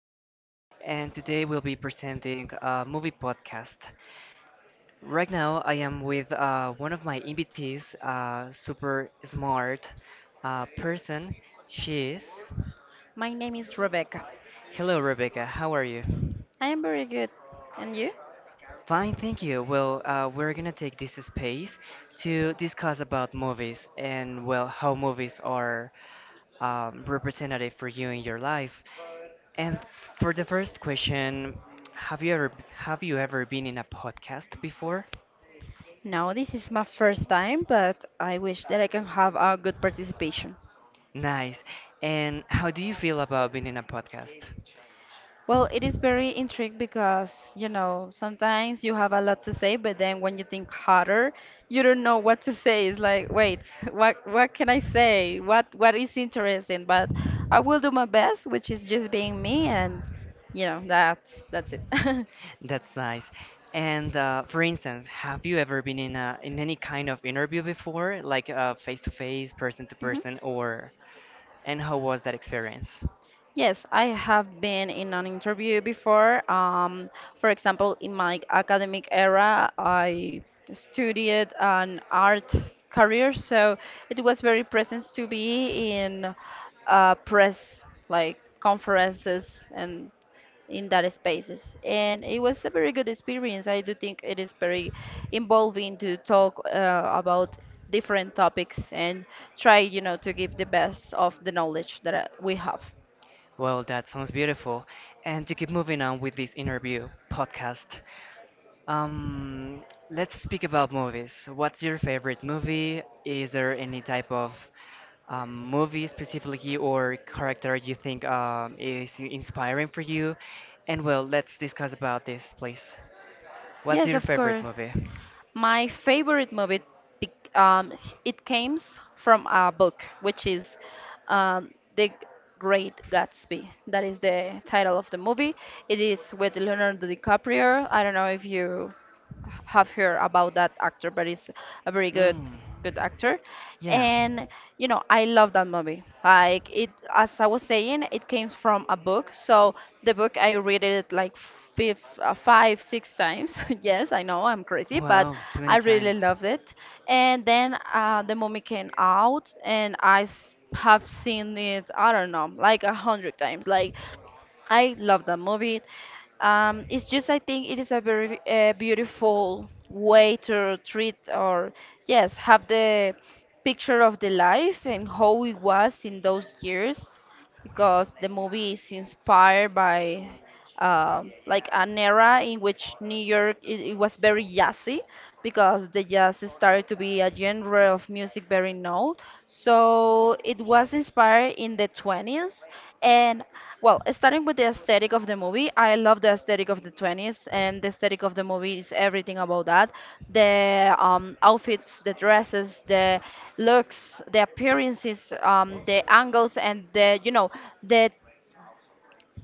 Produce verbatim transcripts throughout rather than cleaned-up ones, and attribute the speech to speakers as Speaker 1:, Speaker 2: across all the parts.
Speaker 1: Diego, and today we'll be presenting a movie podcast. Right now, I am with uh, one of my invitees, a super smart uh, person. She is.
Speaker 2: My name is Rebecca.
Speaker 1: Hello, Rebecca. How are you?
Speaker 2: I am very good. And you?
Speaker 1: Fine, thank you. Well, uh, we're gonna take this space to discuss about movies and well, how movies are um, representative for you in your life. And for the first question, have you ever have you ever been in a podcast before?
Speaker 2: No, this is my first time, but I wish that I can have a good participation.
Speaker 1: Nice. And how do you feel about being in a podcast?
Speaker 2: Well, it is very intriguing because, you know, sometimes you have a lot to say, but then when you think harder, you don't know what to say. It's like, wait, what what can I say? What what is interesting? But I will do my best, which is just being me, and you know, that's that's it.
Speaker 1: That's nice. And uh, for instance, have you ever been in a in any kind of interview before, like uh, face to face, person to
Speaker 2: Mhm.
Speaker 1: person, or? And how was that experience?
Speaker 2: Yes, I have been in an interview before. Um, for example, in my academic era, I studied an art career, so it was very present to be in uh, press, like conferences and in that spaces. And it was a very good experience. I do think it is very involving to talk uh, about different topics, and try you know to give the best of the knowledge that uh, we have.
Speaker 1: Well, that sounds beautiful. And to keep moving on with this interview podcast, um, let's speak about movies. What's your favorite movie? Is there any type of um, movie specifically or character you think um, is inspiring for you? And well, let's discuss about this, please. What's
Speaker 2: Yes,
Speaker 1: your
Speaker 2: of
Speaker 1: favorite
Speaker 2: course.
Speaker 1: movie?
Speaker 2: My favorite movie, bec- um, it came from a book, which is um, The Great Gatsby. That is the title of the movie. It is with Leonardo DiCaprio. I don't know if you have heard about that actor, but it's a very good
Speaker 1: Mm,
Speaker 2: good actor.
Speaker 1: yeah.
Speaker 2: And you know, I love that movie. Like it, as I was saying, it came from a book. So the book I read it like five, uh, five, six times. Yes, I know I'm crazy, but
Speaker 1: Wow, too many
Speaker 2: I really
Speaker 1: times.
Speaker 2: loved it. And then uh, the movie came out, and I s- have seen it. I don't know, like a hundred times. Like I love that movie. Um, it's just I think it is a very uh, beautiful way to treat, or yes, have the picture of the life and how it was in those years, because the movie is inspired by uh, like an era in which New York, it, it was very jazzy because the jazz started to be a genre of music very known. So it was inspired in the twenties. And well, starting with the aesthetic of the movie, I love the aesthetic of the twenties, and the aesthetic of the movie is everything about that. The um, outfits, the dresses, the looks, the appearances, um, the angles, and the, you know the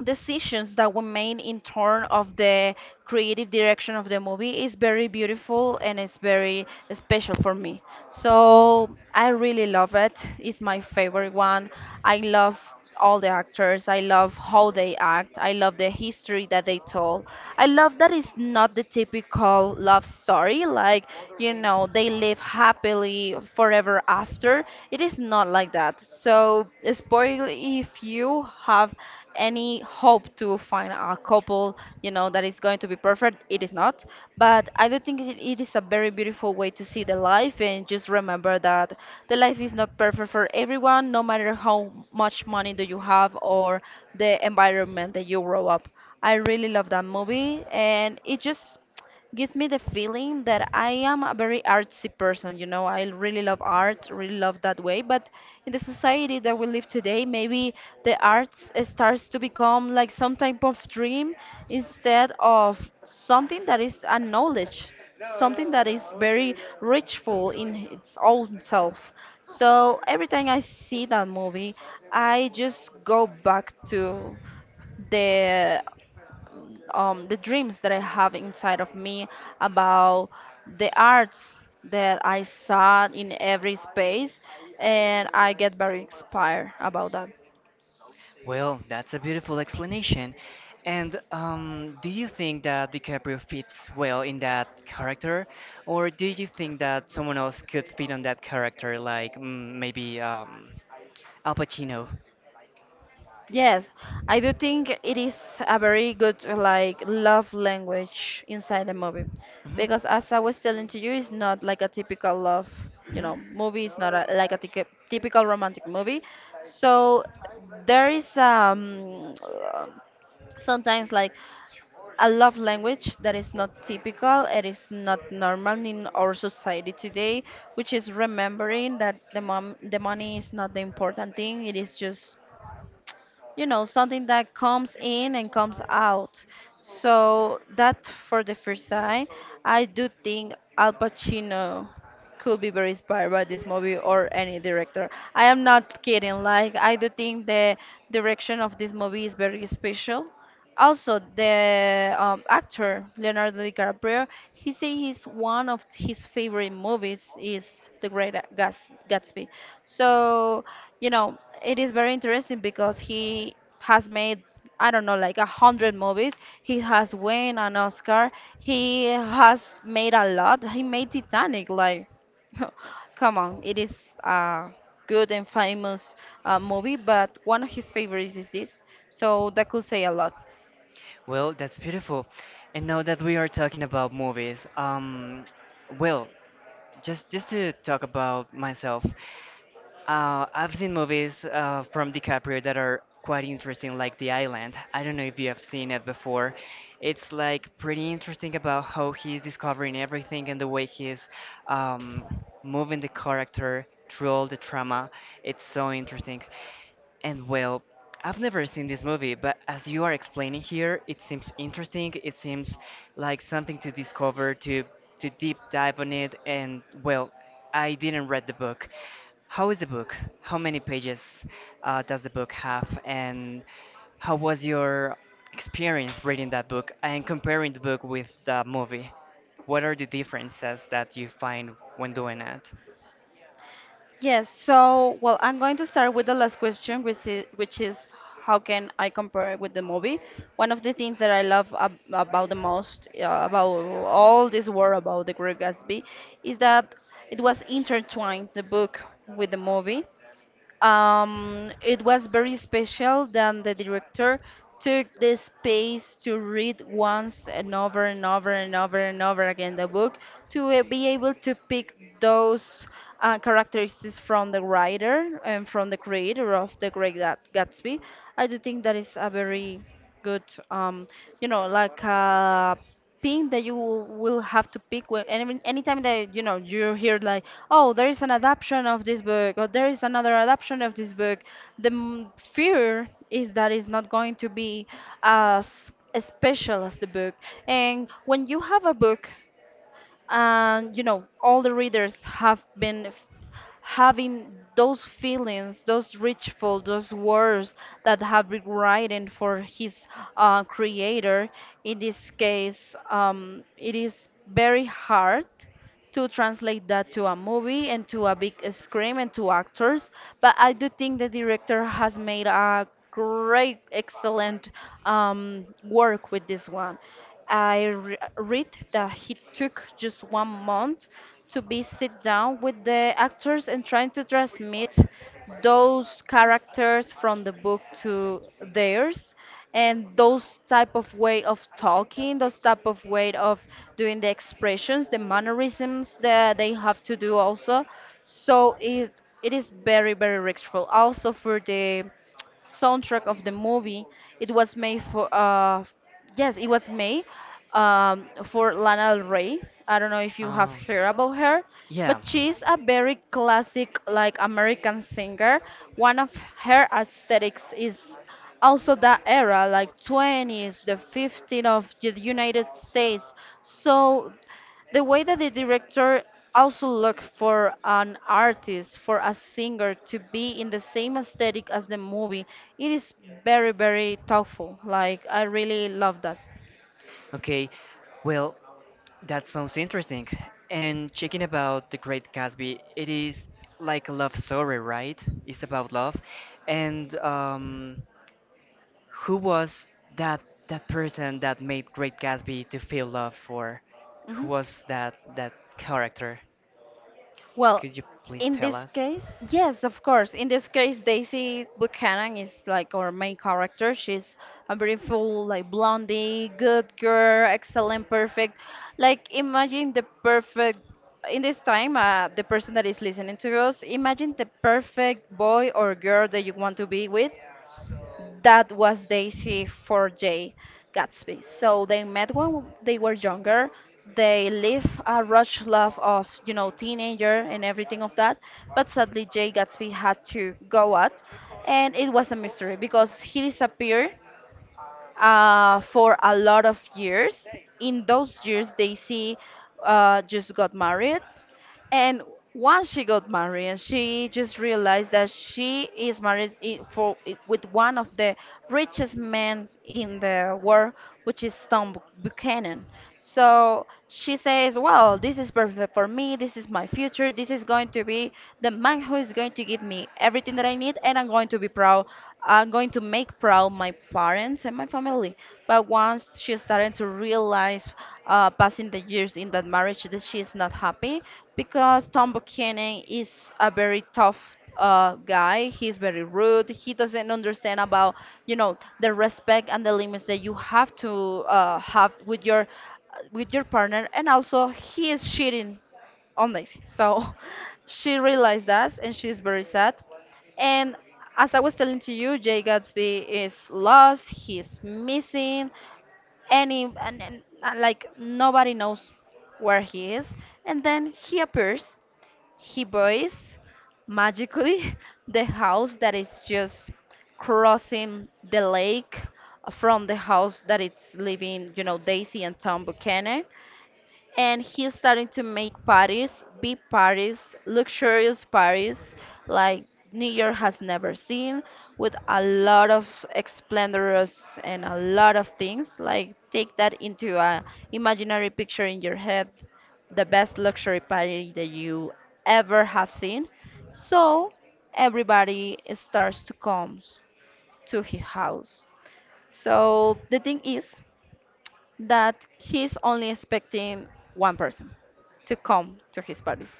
Speaker 2: decisions that we made in turn of the creative direction of the movie is very beautiful, and it's very special for me. So I really love it. It's my favorite one. I love all the actors. I love how they act. I love the history that they told. I love that it's not the typical love story, like, you know, they live happily forever after. It is not like that. So, spoil if you have any hope to find a couple, you know, that is going to be perfect. It is not. But I do think it, it is a very beautiful way to see the life and just remember that the life is not perfect for everyone, no matter how much money do you have or the environment that you grow up. I really love that movie, and it just gives me the feeling that I am a very artsy person. You know, I really love art, really love that way. But in the society that we live today, maybe the arts uh, starts to become like some type of dream, instead of something that is a knowledge, something that is very richful in its own self. So every time I see that movie, I just go back to the, um, the dreams that I have inside of me about the arts that I saw in every space, and I get very inspired about that.
Speaker 1: Well, that's a beautiful explanation. And um, do you think that DiCaprio fits well in that character, or do you think that someone else could fit on that character, like mm, maybe um, Al Pacino?
Speaker 2: Yes, I do think it is a very good like love language inside the movie, because as I was telling to you, it's not like a typical love, you
Speaker 1: Mhm.
Speaker 2: know, movie. It's not a, like a tyc- typical romantic movie. So there is um sometimes like a love language that is not typical, it is not normal in our society today, which is remembering that the mom, the money is not the important thing. It is just, you know, something that comes in and comes out. So that for the first time, I do think Al Pacino could be very inspired by this movie or any director. I am not kidding. Like I do think the direction of this movie is very special. Also, the um, actor Leonardo DiCaprio, he say he's one of his favorite movies is The Great Gats Gatsby. So, you know, it is very interesting because he has made, I don't know, like a hundred movies. He has won an Oscar. He has made a lot. He made Titanic. Like, come on, it is a good and famous uh, movie, but one of his favorites is this. So that could say a lot.
Speaker 1: Well, that's beautiful. And now that we are talking about movies, um, well, just just to talk about myself, Uh, I've seen movies uh, from DiCaprio that are quite interesting, like The Island. I don't know if you have seen it before. It's like pretty interesting about how he's discovering everything and the way he's um, moving the character through all the trauma. It's so interesting. And well, I've never seen this movie, but as you are explaining here, it seems interesting. It seems like something to discover, to to deep dive on it. And well, I didn't read the book. How is the book? How many pages uh, does the book have? And how was your experience reading that book and comparing the book with the movie? What are the differences that you find when doing it?
Speaker 2: Yes, so well, I'm going to start with the last question, which is, which is how can I compare it with the movie? One of the things that I love ab about the most uh, about all this world about The Great Gatsby is that it was intertwined the book with the movie. Um, it was very special that the director took the space to read once and over and over and over and over again the book, to uh, be able to pick those uh, characteristics from the writer and from the creator of The Great Gat- Gatsby. I do think that is a very good, um, you know, like a thing that you will have to pick when any anytime that you know you hear like, oh, there is an adaptation of this book, or there is another adaptation of this book. The m- fear is that it's not going to be as special as the book. And when you have a book, and you know all the readers have been f- having those feelings, those ritual, those words that have been written for his uh, creator. In this case, um, it is very hard to translate that to a movie and to a big screen and to actors. But I do think the director has made a great, excellent um, work with this one. I re- read that he took just one month to be sit down with the actors and trying to transmit those characters from the book to theirs, and those type of way of talking, those type of way of doing the expressions, the mannerisms that they have to do also. So it it is very, very restful. Also, for the soundtrack of the movie, it was made for uh yes, it was made um for Lana Del Rey. I don't know if you have
Speaker 1: Um,
Speaker 2: heard about her, but
Speaker 1: yeah.
Speaker 2: she's a very classic like American singer. One of her aesthetics is also that era, like twenties, the fifteenth of the United States. So the way that the director also look for an artist, for a singer, to be in the same aesthetic as the movie, it is very, very thoughtful. Like I really love that.
Speaker 1: Okay, well, that sounds interesting. And checking about The Great Gatsby, it is like a love story, right? It's about love. And um, who was that that person that made Great Gatsby to feel love for?
Speaker 2: Mhm.
Speaker 1: Who was that that character?
Speaker 2: Well,
Speaker 1: Could you please
Speaker 2: in
Speaker 1: tell
Speaker 2: this
Speaker 1: us?
Speaker 2: case, yes, of course. In this case, Daisy Buchanan is like our main character. She's a beautiful, like blondie, good girl, excellent, perfect. Like imagine the perfect in this time, uh, the person that is listening to us, imagine the perfect boy or girl that you want to be with, that was Daisy for Jay Gatsby. So they met when they were younger. They live a rush love of, you know, teenager and everything of that. But sadly, Jay Gatsby had to go out, and it was a mystery because he disappeared uh, for a lot of years. In those years, Daisy uh, just got married. And once she got married, she just realized that she is married i- for i- with one of the richest men in the world, which is Tom Bu- Buchanan. So she says, "Well, this is perfect for me. This is my future. This is going to be the man who is going to give me everything that I need, and I'm going to be proud. I'm going to make proud my parents and my family." But once she started to realize, uh, passing the years in that marriage, that she is not happy because Tom Buchanan is a very tough uh, guy. He's very rude. He doesn't understand about, you know, the respect and the limits that you have to uh, have with your with your partner. And also, he is cheating on Daisy. So she realized that, and she's very sad. And as I was telling to you, Jay Gatsby is lost, he's missing, and, he, and, and uh, like nobody knows where he is. And then he appears, he buys magically the house that is just crossing the lake from the house that it's living, you know, Daisy and Tom Buchanan, and he's starting to make parties, big parties, luxurious parties like New York has never seen, with a lot of splendors and a lot of things. Like take that into a imaginary picture in your head, the best luxury party that you ever have seen. So everybody starts to come to his house. So the thing is, that he's only expecting one person to come to his parties,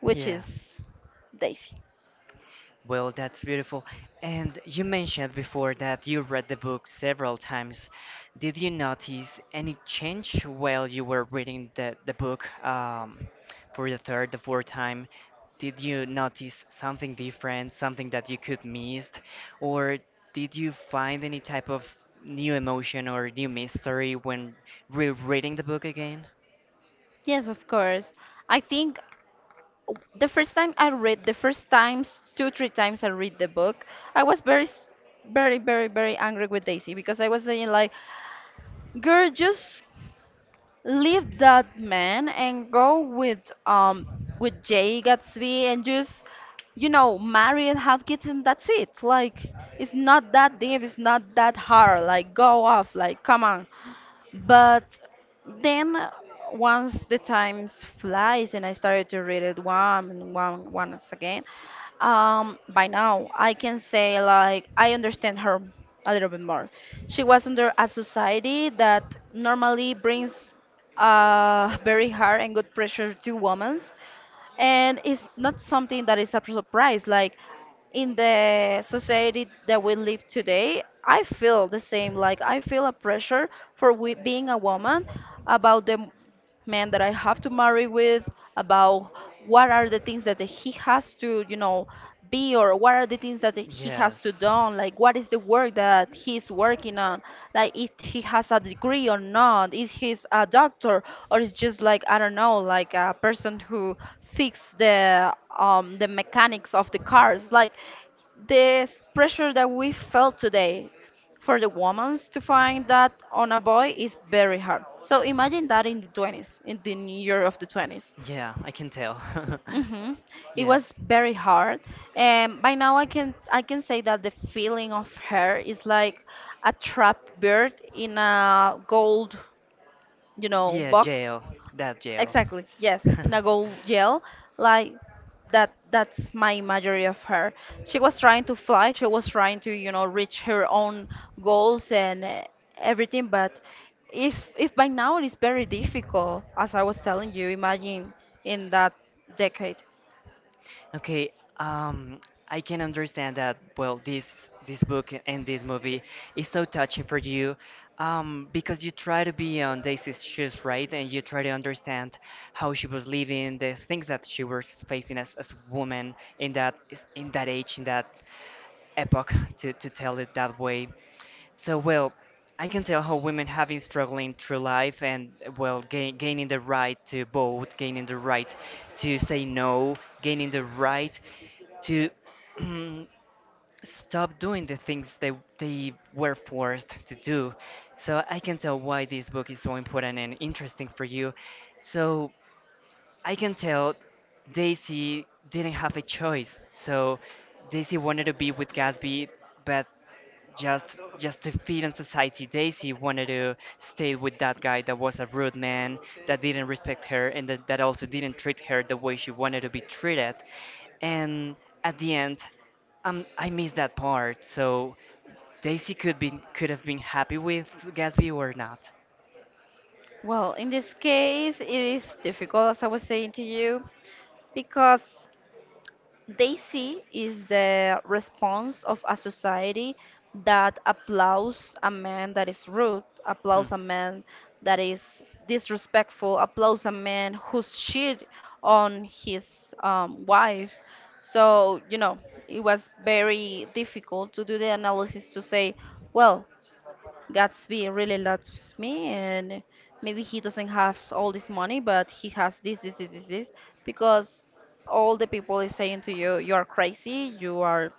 Speaker 2: which
Speaker 1: Yeah,
Speaker 2: is Daisy.
Speaker 1: well, that's beautiful. And you mentioned before that you read the book several times. Did you notice any change while you were reading the, the book um, for the third, the fourth time? Did you notice something different, something that you could miss? Or did you find any type of new emotion or new mystery when rereading the book again?
Speaker 2: Yes, of course. I think w- the first time I read, the first times, two, three times I read the book, I was very, s- very, very, very angry with Daisy because I was saying like, girl, just leave that man and go with um with Jay Gatsby and just you know marry and have kids and that's it. Like it's not that deep, it's not that hard. Like go off, like come on. But then uh, once the times flies and I started to read it one and one once again, um, by now I can say like I understand her a little bit more. She was under a society that normally brings uh, very hard and good pressure to women, and it's not something that is a surprise. Like in the society that we live today, I feel the same. Like I feel a pressure for we, being a woman about the man that I have to marry with, about what are the things that he has to, you know, be or what are the things that he has to
Speaker 1: Yes.
Speaker 2: do, like what is the work that he's working on, like if he has a degree or not, if he's a doctor or is just like I don't know, like a person who fix the um the mechanics of the cars, like this pressure that we felt today for the women to find that on a boy is very hard. So imagine that in the twenties, in the new year of the twenties.
Speaker 1: Yeah, I can tell.
Speaker 2: hmm It was
Speaker 1: Yes.
Speaker 2: very hard, and by now I can I can say that the feeling of her is like a trapped bird in a gold, you know,
Speaker 1: Yeah,
Speaker 2: box.
Speaker 1: jail. That jail.
Speaker 2: Exactly, yes, in a gold gel, like that that's my imagery of her. She was trying to fly, she was trying to, you know, reach her own goals and uh, everything, but if if by now it is very difficult, as I was telling you, imagine in that decade.
Speaker 1: Okay, um, I can understand that, well, this this book and this movie is so touching for you, um, because you try to be on Daisy's shoes, right? And you try to understand how she was living, the things that she was facing as as a woman in that in that age, in that epoch, to to tell it that way. So, well, I can tell how women have been struggling through life and, well, gain, gaining the right to vote, gaining the right to say no, gaining the right to stop doing the things they, they were forced to do. So, I can tell why this book is so important and interesting for you. So, I can tell Daisy didn't have a choice. So, Daisy wanted to be with Gatsby, but just just to fit in society. Daisy wanted to stay with that guy that was a rude man, that didn't respect her, and that, that also didn't treat her the way she wanted to be treated. And at the end, um, I missed that part. So Daisy could be could have been happy with Gatsby or not.
Speaker 2: Well, in this case, it is difficult, as I was saying to you, because Daisy is the response of a society that applauds a man that is rude,
Speaker 1: Hmm.
Speaker 2: applauds a man that is disrespectful, applauds a man who's cheat on his um, wife. So, you know, it was very difficult to do the analysis to say, well, Gatsby really loves me, and maybe he doesn't have all this money, but he has this, this, this, this, this, because all the people is saying to you, you are crazy, you are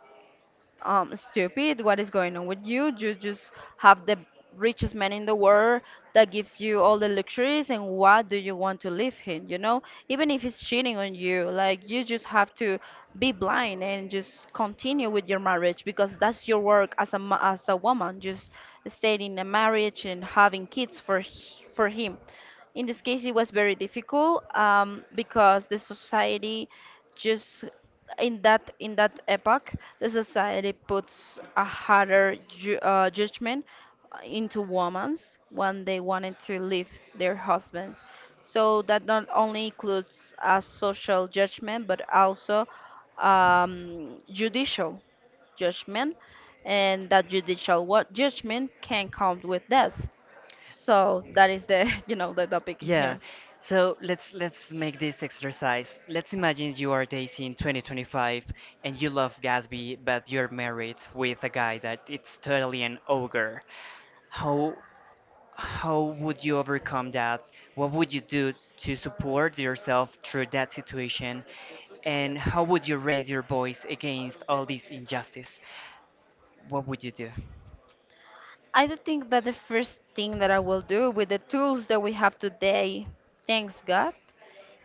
Speaker 2: um, stupid. What is going on with you? You just have the richest man in the world that gives you all the luxuries, and why do you want to leave him? You know, even if he's cheating on you, like you just have to be blind and just continue with your marriage because that's your work as a ma- as a woman. Just staying in a marriage and having kids for h- for him. In this case, it was very difficult um, because the society just in that in that epoch, the society puts a harder ju uh, judgment into women when they wanted to leave their husbands. So that not only includes a social judgment, but also um, judicial judgment, and that judicial what judgment can count with death. So that is the, you know, the topic in
Speaker 1: Yeah.
Speaker 2: here.
Speaker 1: So let's let's make this exercise. Let's imagine you are dating twenty twenty-five and you love Gatsby, but you're married with a guy that it's totally an ogre. How how would you overcome that? What would you do to support yourself through that situation? And how would you raise your voice against all this injustice? What would you do?
Speaker 2: I do think that the first thing that I will do with the tools that we have today, thanks God,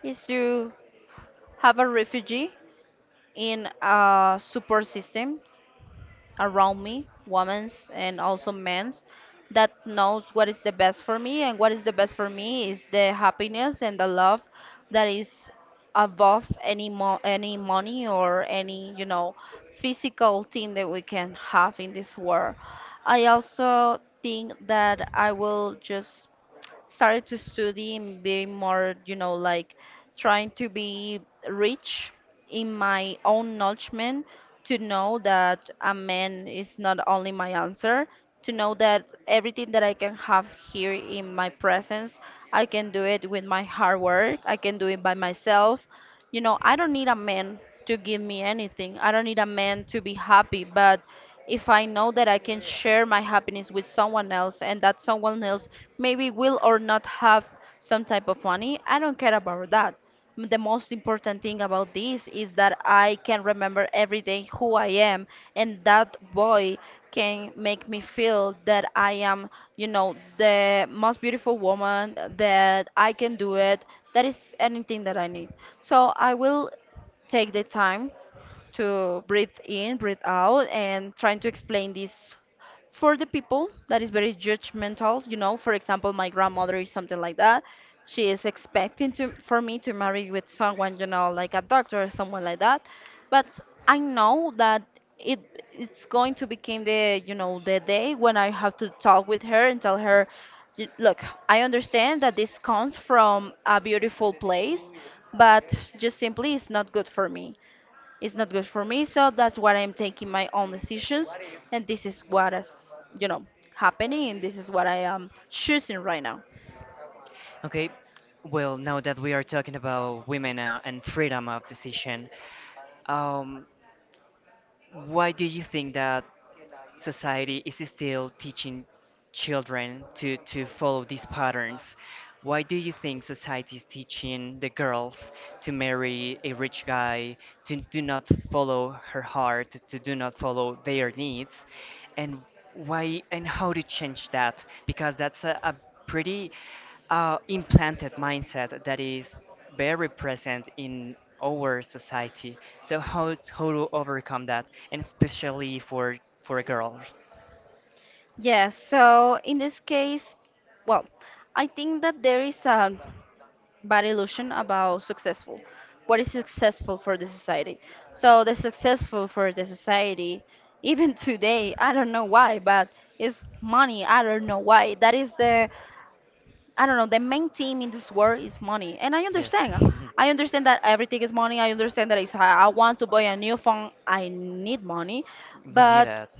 Speaker 2: is to have a refugee in a support system around me, women's and also men's, that knows what is the best for me. And what is the best for me is the happiness and the love that is above any mo any money or any, you know, physical thing that we can have in this world. I also think that I will just started to study and be more, you know, like trying to be rich in my own knowledgement to know that a man is not only my answer, to know that everything that I can have here in my presence, I can do it with my hard work, I can do it by myself. You know, I don't need a man to give me anything. I don't need a man to be happy, but if I know that I can share my happiness with someone else and that someone else maybe will or not have some type of money, I don't care about that. M- The most important thing about this is that I can remember every day who I am, and that boy can make me feel that I am, you know, the most beautiful woman, that I can do it. That is anything that I need. So I will take the time to breathe in, breathe out, and trying to explain this for the people that is very judgmental. You know, for example, my grandmother is something like that. She is expecting to for me to marry with someone, you know, like a doctor or someone like that. But I know that it it's going to become the, you know, the day when I have to talk with her and tell her, "Y- Look, I understand that this comes from a beautiful place, but just simply it's not good for me. It's not good for me, so that's why I'm taking my own decisions, and this is what is, you know, happening, and this is what I am choosing right now."
Speaker 1: Okay, well, now that we are talking about women uh, and freedom of decision, um, why do you think that society is still teaching children to, to follow these patterns. Why do you think society is teaching the girls to marry a rich guy, to do not follow her heart, to do not follow their needs? And why and how to change that? Because that's a, a pretty uh, implanted mindset that is very present in our society. So how how to overcome that, and especially for for girls?
Speaker 2: Yes, so in this case, well, I think that there is a bad illusion about successful. What is successful for the society? So the successful for the society, even today, I don't know why, but it's money. I don't know why. That is the, I don't know, the main theme in this world is money. And I
Speaker 1: Yes,
Speaker 2: understand. uh, I understand that everything is money. I understand that it's. I I want to buy a new phone, I need money.
Speaker 1: we need
Speaker 2: But
Speaker 1: that.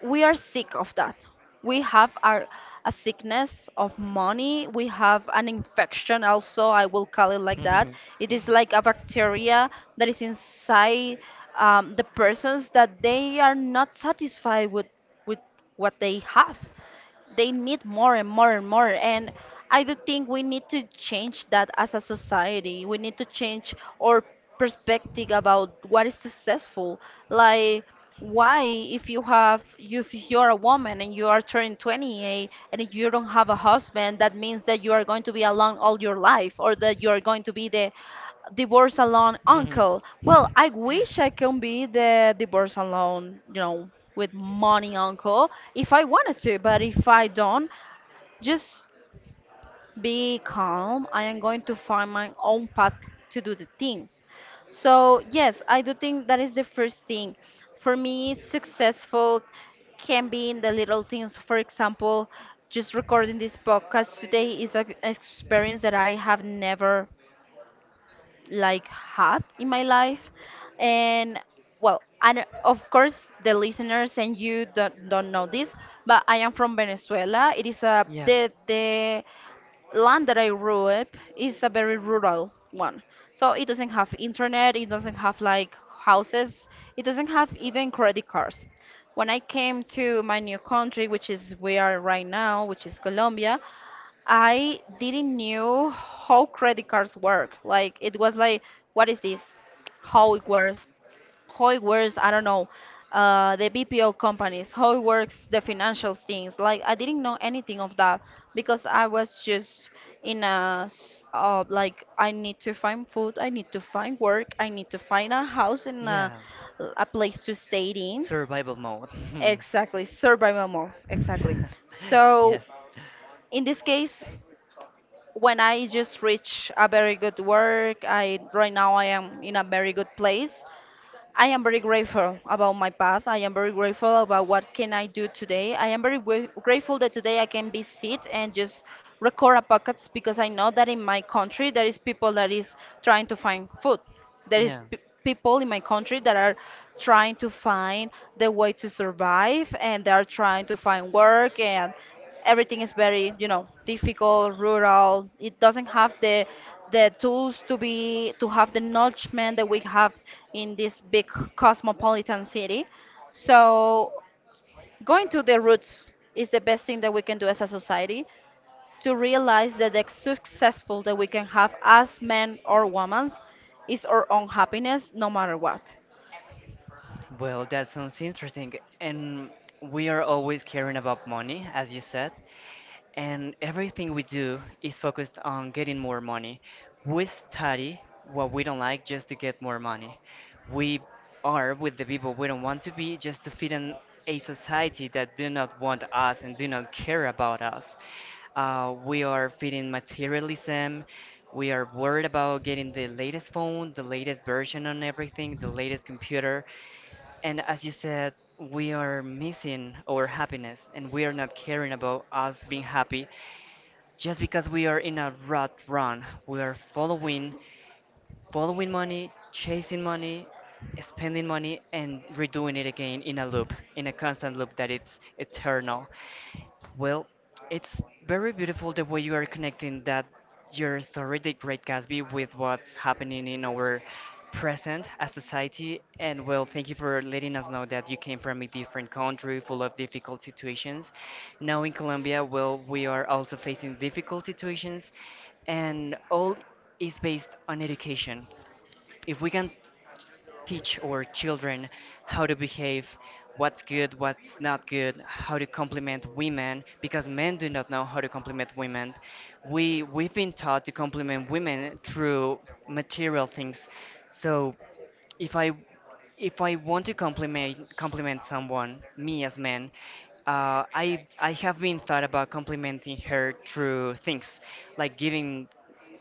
Speaker 2: we are sick of that. We have a, a sickness of money. We have an infection, also, I will call it like that. It is like a bacteria that is inside um, the persons that they are not satisfied with, with what they have, they need more and more and more. And I do think we need to change that. As a society, we need to change our perspective about what is successful. Like why, if you have, if you're a woman and you are turning twenty-eight and if you don't have a husband, that means that you are going to be alone all your life, or that you are going to be the divorce alone uncle. Well, I wish I can be the divorce alone, you know, with money uncle if I wanted to, but if I don't, just be calm. I am going to find my own path to do the things. So, yes, I do think that is the first thing. For me, successful can be in the little things. For example, just recording this podcast today is an experience that I have never like had in my life. And well, and of course the listeners and you don't, don't know this, but I am from Venezuela. It is a,
Speaker 1: Yeah.
Speaker 2: the the land that I grew up is a very rural one. So it doesn't have internet, it doesn't have like houses, it doesn't have even credit cards. When I came to my new country, which is we are right now, which is Colombia, I didn't knew how credit cards work. Like it was like, what is this? How it works? How it works, I don't know, uh, the B P O companies, how it works, the financial things. Like I didn't know anything of that because I was just in a s- uh, like I need to find food, I need to find work, I need to find a house and a,
Speaker 1: Yeah.
Speaker 2: a place to stay in.
Speaker 1: Survival mode.
Speaker 2: Exactly, survival mode. Exactly. So
Speaker 1: Yes.
Speaker 2: in this case, when I just reach a very good work, I right now I am in a very good place. I am very grateful about my path. I am very grateful about what can I do today. I am very gra- grateful that today I can be sit and just record a podcast because I know that in my country there is people that is trying to find food. There is
Speaker 1: Yeah.
Speaker 2: p- people in my country that are trying to find the way to survive, and they are trying to find work, and everything is very you know difficult. Rural, it doesn't have the the tools to be to have the nourishment that we have in this big cosmopolitan city. So going to the roots is the best thing that we can do as a society, to realize that the successful that we can have as men or women is our own happiness, no matter what.
Speaker 1: Well, that sounds interesting. And we are always caring about money, as you said. And everything we do is focused on getting more money. We study what we don't like just to get more money. We are with the people we don't want to be just to fit in a society that do not want us and do not care about us. Uh, we are feeding materialism. We are worried about getting the latest phone, the latest version on everything, the latest computer. And as you said, we are missing our happiness and we are not caring about us being happy just because we are in a rat run, we are following, following money, chasing money, spending money, and redoing it again in a loop, in a constant loop that it's eternal. Well, it's very beautiful the way you are connecting that your story, The Great Gatsby, with what's happening in our present as society. And well, thank you for letting us know that you came from a different country full of difficult situations. Now in Colombia, well, we are also facing difficult situations, and all is based on education. If we can teach our children how to behave, what's good, what's not good, how to compliment women, because men do not know how to compliment women. We we've been taught to compliment women through material things. So if I if I want to compliment compliment someone, me as man, uh, I I have been thought about complimenting her through things, like giving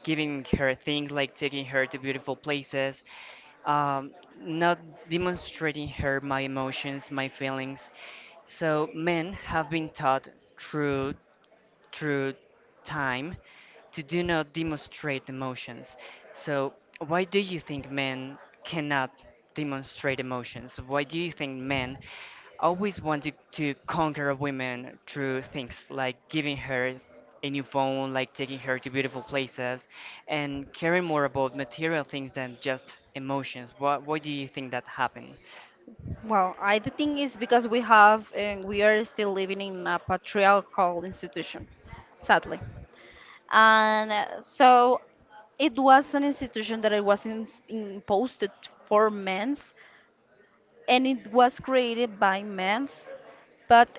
Speaker 1: giving her things, like taking her to beautiful places, um, not demonstrating her my emotions, my feelings. So men have been taught through through time to do not demonstrate emotions. So why do you think men cannot demonstrate emotions? Why do you think men always wanted to conquer a woman through things like giving her a new phone, like taking her to beautiful places, and caring more about material things than just emotions. Why, why do you think that happened?
Speaker 2: Well, I do think it's because we have and we are still living in a patriarchal institution, sadly. And uh, so it was an institution that it was in, imposed for men's, and it was created by men's, but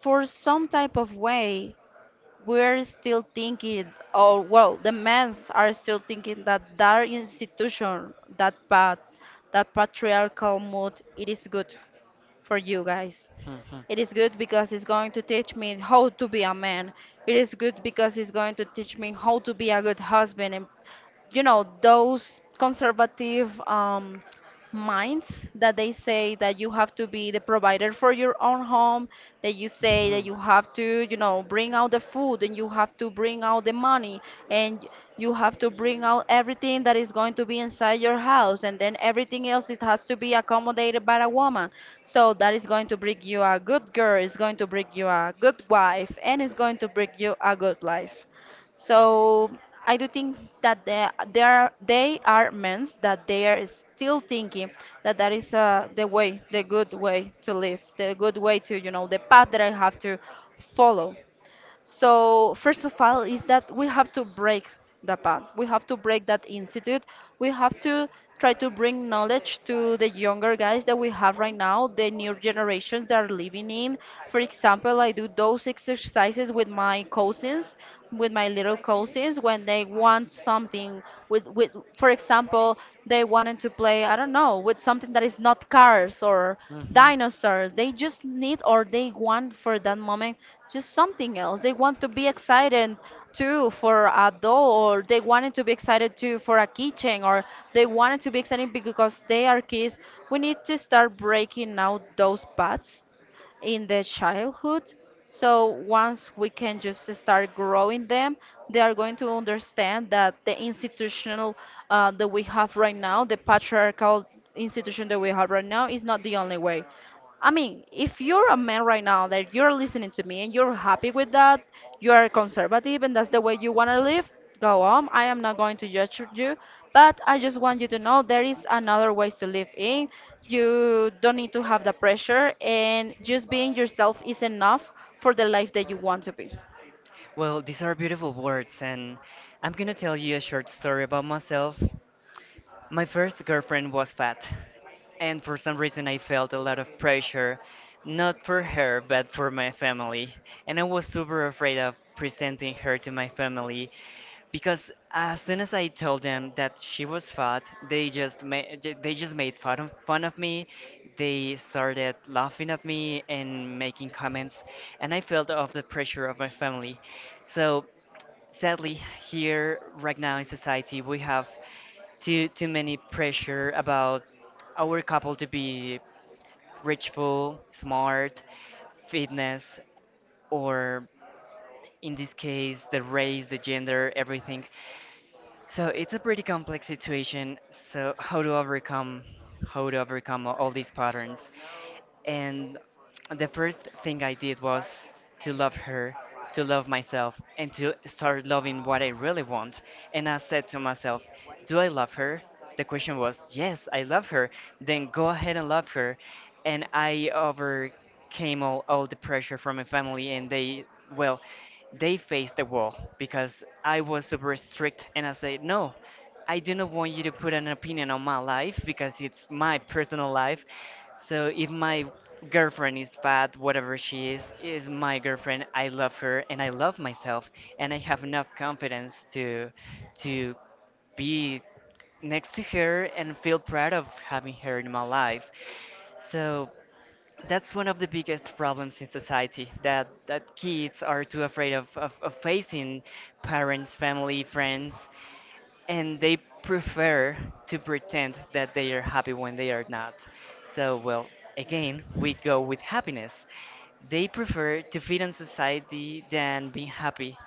Speaker 2: for some type of way, we're still thinking, or well, the men's are still thinking that that institution, that path, that patriarchal mode, it is good for you guys.
Speaker 1: Mhm. Mhm.
Speaker 2: It is good because it's going to teach me how to be a man. It is good because it's going to teach me how to be a good husband, and you know those conservative um minds that they say that you have to be the provider for your own home, that you say that you have to, you know, bring out the food, and you have to bring out the money, and you have to bring out everything that
Speaker 1: Inside
Speaker 2: is going to be inside
Speaker 1: your
Speaker 2: your
Speaker 1: house,
Speaker 2: house,
Speaker 1: then
Speaker 2: and then
Speaker 1: everything
Speaker 2: everything else
Speaker 1: else
Speaker 2: it
Speaker 1: has
Speaker 2: has to
Speaker 1: to be
Speaker 2: be accommodated
Speaker 1: accommodated by
Speaker 2: by
Speaker 1: the
Speaker 2: a
Speaker 1: woman.
Speaker 2: woman.
Speaker 1: So
Speaker 2: So that
Speaker 1: that is
Speaker 2: is going
Speaker 1: going to
Speaker 2: to bring
Speaker 1: bring
Speaker 2: you
Speaker 1: a
Speaker 2: a
Speaker 1: good
Speaker 2: good girl,
Speaker 1: girl. It's
Speaker 2: it's
Speaker 1: going to
Speaker 2: going
Speaker 1: bring
Speaker 2: to bring you a
Speaker 1: you a
Speaker 2: good
Speaker 1: good wife,
Speaker 2: wife,
Speaker 1: and
Speaker 2: and it's
Speaker 1: it's going
Speaker 2: going to
Speaker 1: to bring you a
Speaker 2: bring you a good life.
Speaker 1: good life. So
Speaker 2: So
Speaker 1: I
Speaker 2: I
Speaker 1: do
Speaker 2: do think
Speaker 1: think that
Speaker 2: that there,
Speaker 1: there,
Speaker 2: there are,
Speaker 1: they
Speaker 2: they
Speaker 1: are
Speaker 2: are
Speaker 1: men
Speaker 2: men
Speaker 1: that
Speaker 2: that
Speaker 1: they
Speaker 2: they
Speaker 1: are
Speaker 2: are still
Speaker 1: guilty,
Speaker 2: thinking
Speaker 1: and
Speaker 2: that that
Speaker 1: there is
Speaker 2: is
Speaker 1: a
Speaker 2: uh,
Speaker 1: the
Speaker 2: the
Speaker 1: way,
Speaker 2: way,
Speaker 1: the
Speaker 2: the
Speaker 1: good way,
Speaker 2: good way to live,
Speaker 1: the
Speaker 2: the good
Speaker 1: good way.
Speaker 2: way to, you know,
Speaker 1: The
Speaker 2: the path that
Speaker 1: padre
Speaker 2: I have
Speaker 1: has to
Speaker 2: to
Speaker 1: follow.
Speaker 2: follow. So first of all is that we have to break the path. We have to break that institute. We have to try to bring knowledge to the younger guys that we have right now, the new generations that are living in. For example, I do those exercises with my cousins, with my little cousins when they want something with with, for example, they wanted to play, I don't know, with something that is not cars or dinosaurs. They just need or they want for that moment just something else. They want to be excited too for a doll, or they wanted to be excited too for a kitchen, or they wanted to be excited because they are kids. We need to start breaking out those paths in the childhood. So once we can just start growing them, they are going to understand that the institutional uh, that we have right now, the patriarchal institution that we have right now, is not the only way. I mean, if you're a man right now that you're listening to me and you're happy with that, you are conservative and that's the way you want to live, go on, I am not going to judge you, but I just want you to know there is another ways to live in. You don't need to have the pressure, and just being yourself is enough for the life that you want to be.
Speaker 1: Well, these are beautiful words, and I'm gonna tell you a short story about myself. My first girlfriend was fat, and for some reason I felt a lot of pressure, not for her, but for my family. And I was super afraid of presenting her to my family because as soon as I told them that she was fat, they just made they just made fun of, fun of me. They started laughing at me and making comments, and I felt of the pressure of my family. So sadly, here right now in society, we have too too many pressure about our couple to be richful, smart, fitness, or in this case the race, the gender, everything. So it's a pretty complex situation. So how to overcome how to overcome all these patterns? And the first thing I did was to love her, to love myself, and to start loving what I really want. And I said to myself, do I love her? The question was, yes, I love her. Then go ahead and love her. And I overcame all, all the pressure from my family, and they, well, they faced the wall because I was super strict and I said, no. I do not want you to put an opinion on my life because it's my personal life. So if my girlfriend is bad, whatever she is, is my girlfriend. I love her and I love myself and I have enough confidence to to be next to her and feel proud of having her in my life. So that's one of the biggest problems in society that that kids are too afraid of, of, of facing parents, family, friends, and they prefer to pretend that they are happy when they are not. So, well, again, we go with happiness. They prefer to fit in society than being happy.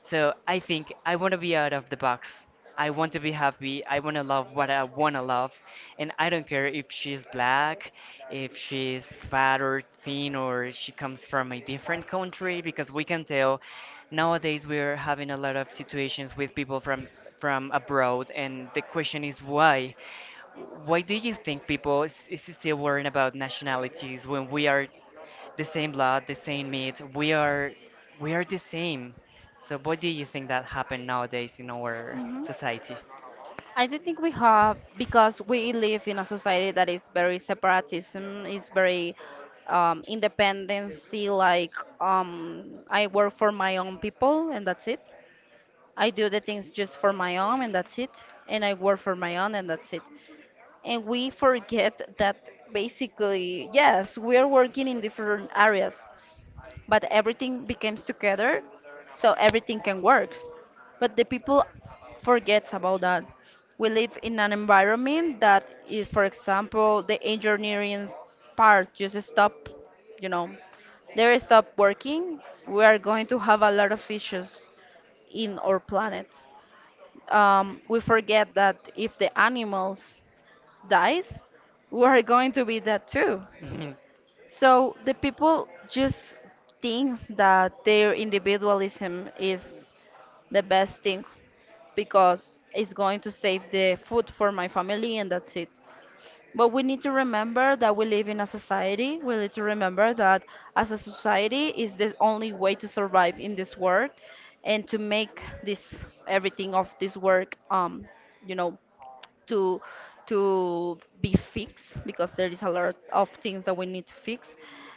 Speaker 1: So I think I want to be out of the box. I want to be happy. I want to love what I want to love. And I don't care if she's black, if she's fat or thin, or she comes from a different country, because we can tell nowadays we're having a lot of situations with people from from abroad. And the question is why? Why do you think people is, is still worrying about nationalities when we are the same blood, the same meat. We are we are the same. So what do you think that happened nowadays in our
Speaker 2: Mhm.
Speaker 1: society?
Speaker 2: I don't think we have, because we live in a society that is very separatism, is very um, independency. Like um, I work for my own people and that's it. I do the things just for my own and that's it. And I work for my own and that's it. And we forget that basically, yes, we are working in different areas, but everything becomes together, so everything can work. But the people forgets about that. We live in an environment that is, for example, the engineering part just stop, you know, they stop working. We are going to have a lot of issues in our planet. Um, we forget that if the animals dies, we're going to be that too.
Speaker 1: Mhm.
Speaker 2: So the people just think that their individualism is the best thing because it's going to save the food for my family and that's it. But we need to remember that we live in a society. We need to remember that as a society is the only way to survive in this world, and to make this everything of this work, um you know, to to be fixed, because there is a lot of things that we need to fix.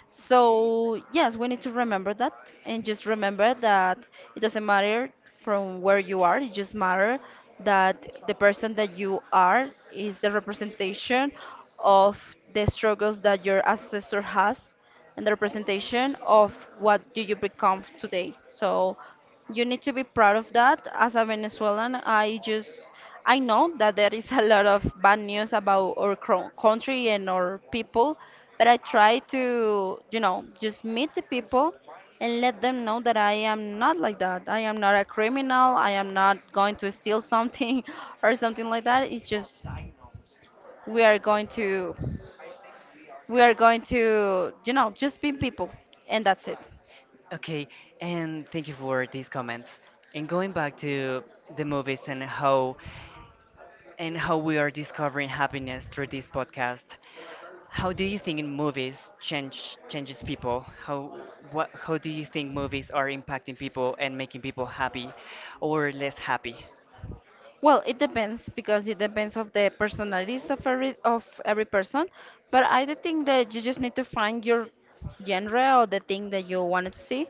Speaker 2: So yes, we need to remember that, and just remember that it doesn't matter from where you are, it just matter that the person that you are is the representation of the struggles that your ancestor has, and the representation of what do you become today. So you need to be proud of that. As a Venezuelan, I just I know that there is a lot of bad news about our cro- country and our people, but I try to, you know, just meet the people and let them know that I am not like that. I am not a criminal. I am not going to steal something or something like that. It's just we are going to we are going to, you know, just be people and that's it.
Speaker 1: Okay, and thank you for these comments. And going back to the movies and how and how we are discovering happiness through this podcast. How do you think in movies change changes people? How what how do you think movies are impacting people and making people happy or less happy?
Speaker 2: Well, it depends, because it depends of the personalities of every of every person. But I do think that you just need to find your genre or the thing that you wanted to see,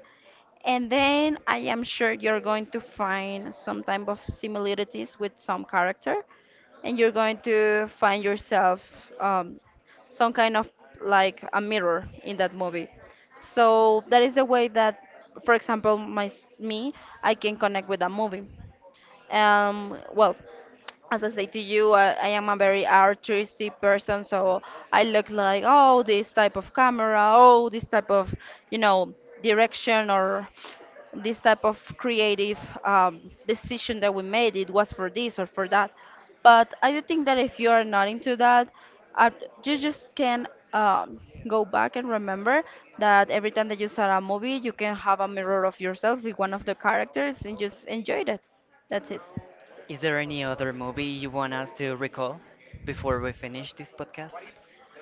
Speaker 2: and then I am sure you're going to find some type of similarities with some character, and you're going to find yourself um, some kind of like a mirror in that movie. So that is the way that, for example, my s- me, I can connect with a movie. Um, well, as I say to you, I, I am a very artistic person, so I look like, oh, this type of camera, oh, this type of, you know, direction or this type of creative um, decision that we made, it was for this or for that. But I do think that if you are not into that, uh, you just can um, go back and remember that every time that you saw a movie, you can have a mirror of yourself with one of the characters and just enjoy it. That's it.
Speaker 1: Is there any other movie you want us to recall before we finish this podcast?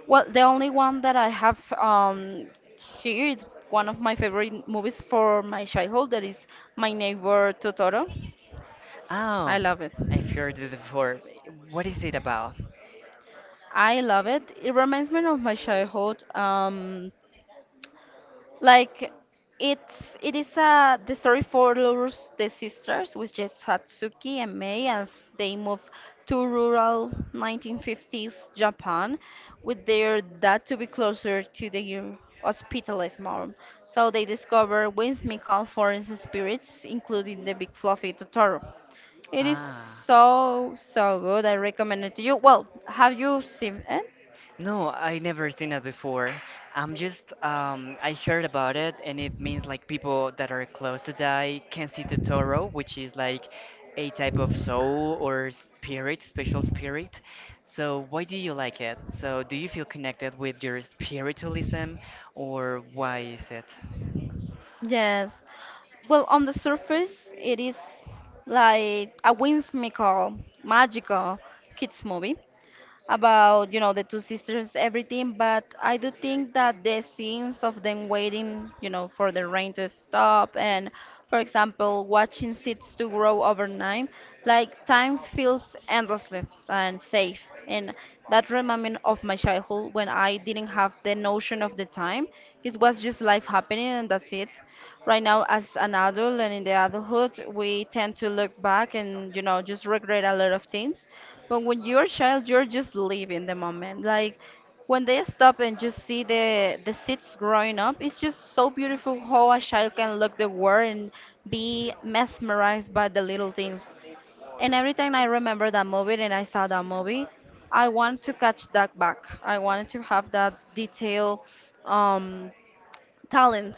Speaker 2: Well, the only one that I have um, here is one of my favorite movies for my childhood. That is My Neighbor Totoro.
Speaker 1: Oh,
Speaker 2: I love it.
Speaker 1: I've heard it before. What is it about?
Speaker 2: I love it. It reminds me of my childhood. Um, Like it's it is uh the story follows the sisters, which is Hatsuki and Mei, as they move to rural nineteen fifties Japan with their dad to be closer to their hospitalized mom. So they discover whimsical foreign spirits, including the big fluffy Totoro. It is
Speaker 1: Ah,
Speaker 2: so so good. I recommend it to you. Well, have you seen it?
Speaker 1: no, I never seen it before. I'm just, um, I heard about it, and it means like people that are close to die can see the Toro, which is like a type of soul or spirit, special spirit. So, why do you like it? So, do you feel connected with your spiritualism, or why is it?
Speaker 2: Yes. Well, on the surface, it is like a whimsical, magical kids movie about, you know, the two sisters, everything, but I do think that the scenes of them waiting, you know, for the rain to stop, and, for example, watching seeds to grow overnight, like time feels endless and safe. And that reminds moment of my childhood when I didn't have the notion of the time. It was just life happening and that's it. Right now, as an adult and in the adulthood, we tend to look back and, you know, just regret a lot of things. But when you're a child, you're just living the moment. Like when they stop and just see the the seeds growing up, it's just so beautiful how a child can look the world and be mesmerized by the little things. And every time I remember that movie and I saw that movie, I want to catch that back. I wanted to have that detail, um, talent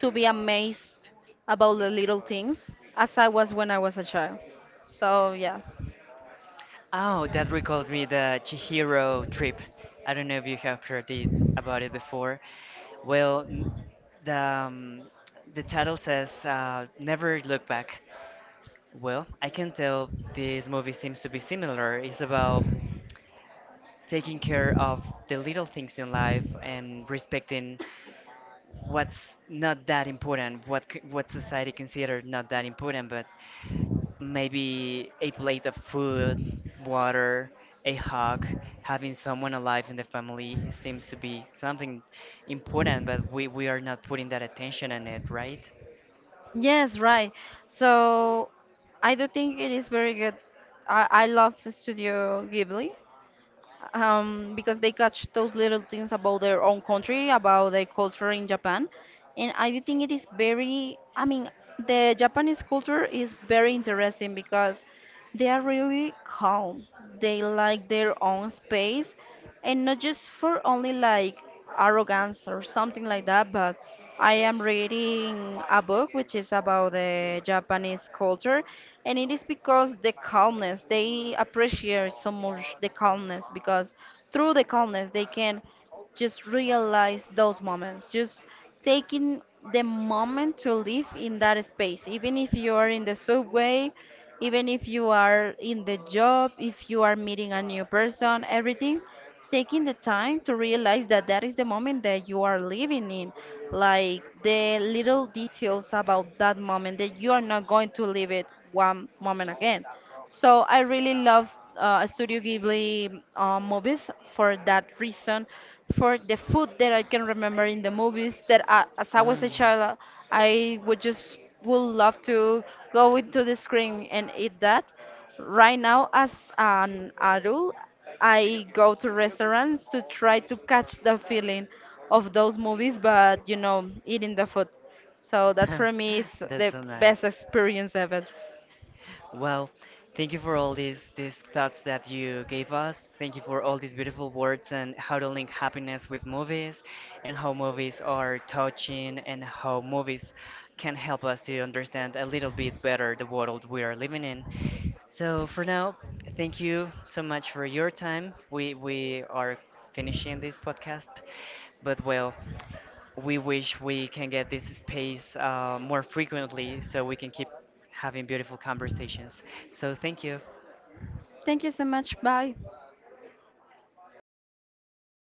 Speaker 2: to be amazed about the little things as I was when I was a child. So, yes.
Speaker 1: Oh, that recalls me the Chihiro trip. I don't know if you have heard it, about it before. Well, n- the um, the title says uh, "Never Look Back." Well, I can tell this movie seems to be similar. It's about taking care of the little things in life and respecting what's not that important, what c- what society considers not that important, but maybe a plate of food, water, a hug. Having someone alive in the family seems to be something important, but we, we are not putting that attention on it, right?
Speaker 2: Yes, right. So I do think it is very good. I, I love Studio Ghibli. Um, because they catch those little things about their own country, about their culture in Japan. And I do think it is very, I mean, the Japanese culture is very interesting because they are really calm. They like their own space and not just for only like arrogance or something like that, but I am reading a book which is about the Japanese culture, and it is because the calmness, they appreciate so much the calmness, because through the calmness they can just realize those moments, just taking the moment to live in that space, even if you are in the subway. Even if you are in the job, if you are meeting a new person, everything, taking the time to realize that that is the moment that you are living in, like the little details about that moment that you are not going to live it one moment again. So I really love uh, Studio Ghibli uh, movies for that reason, for the food that I can remember in the movies. That I, as I was a
Speaker 1: Mm.
Speaker 2: child, I would just would love to go into the screen and eat that. Right now, as an adult, I go to restaurants to try to catch the feeling of those movies, but you know, eating the food. So that for me is
Speaker 1: That's
Speaker 2: the
Speaker 1: so
Speaker 2: best
Speaker 1: nice.
Speaker 2: experience ever.
Speaker 1: Well, thank you for all these these thoughts that you gave us. Thank you for all these beautiful words and how to link happiness with movies and how movies are touching and how movies can help us to understand a little bit better the world we are living in. So for now, thank you so much for your time. We we are finishing this podcast, but well, we wish we can get this space uh, more frequently so we can keep having beautiful conversations. So thank you.
Speaker 2: Thank you so much. Bye.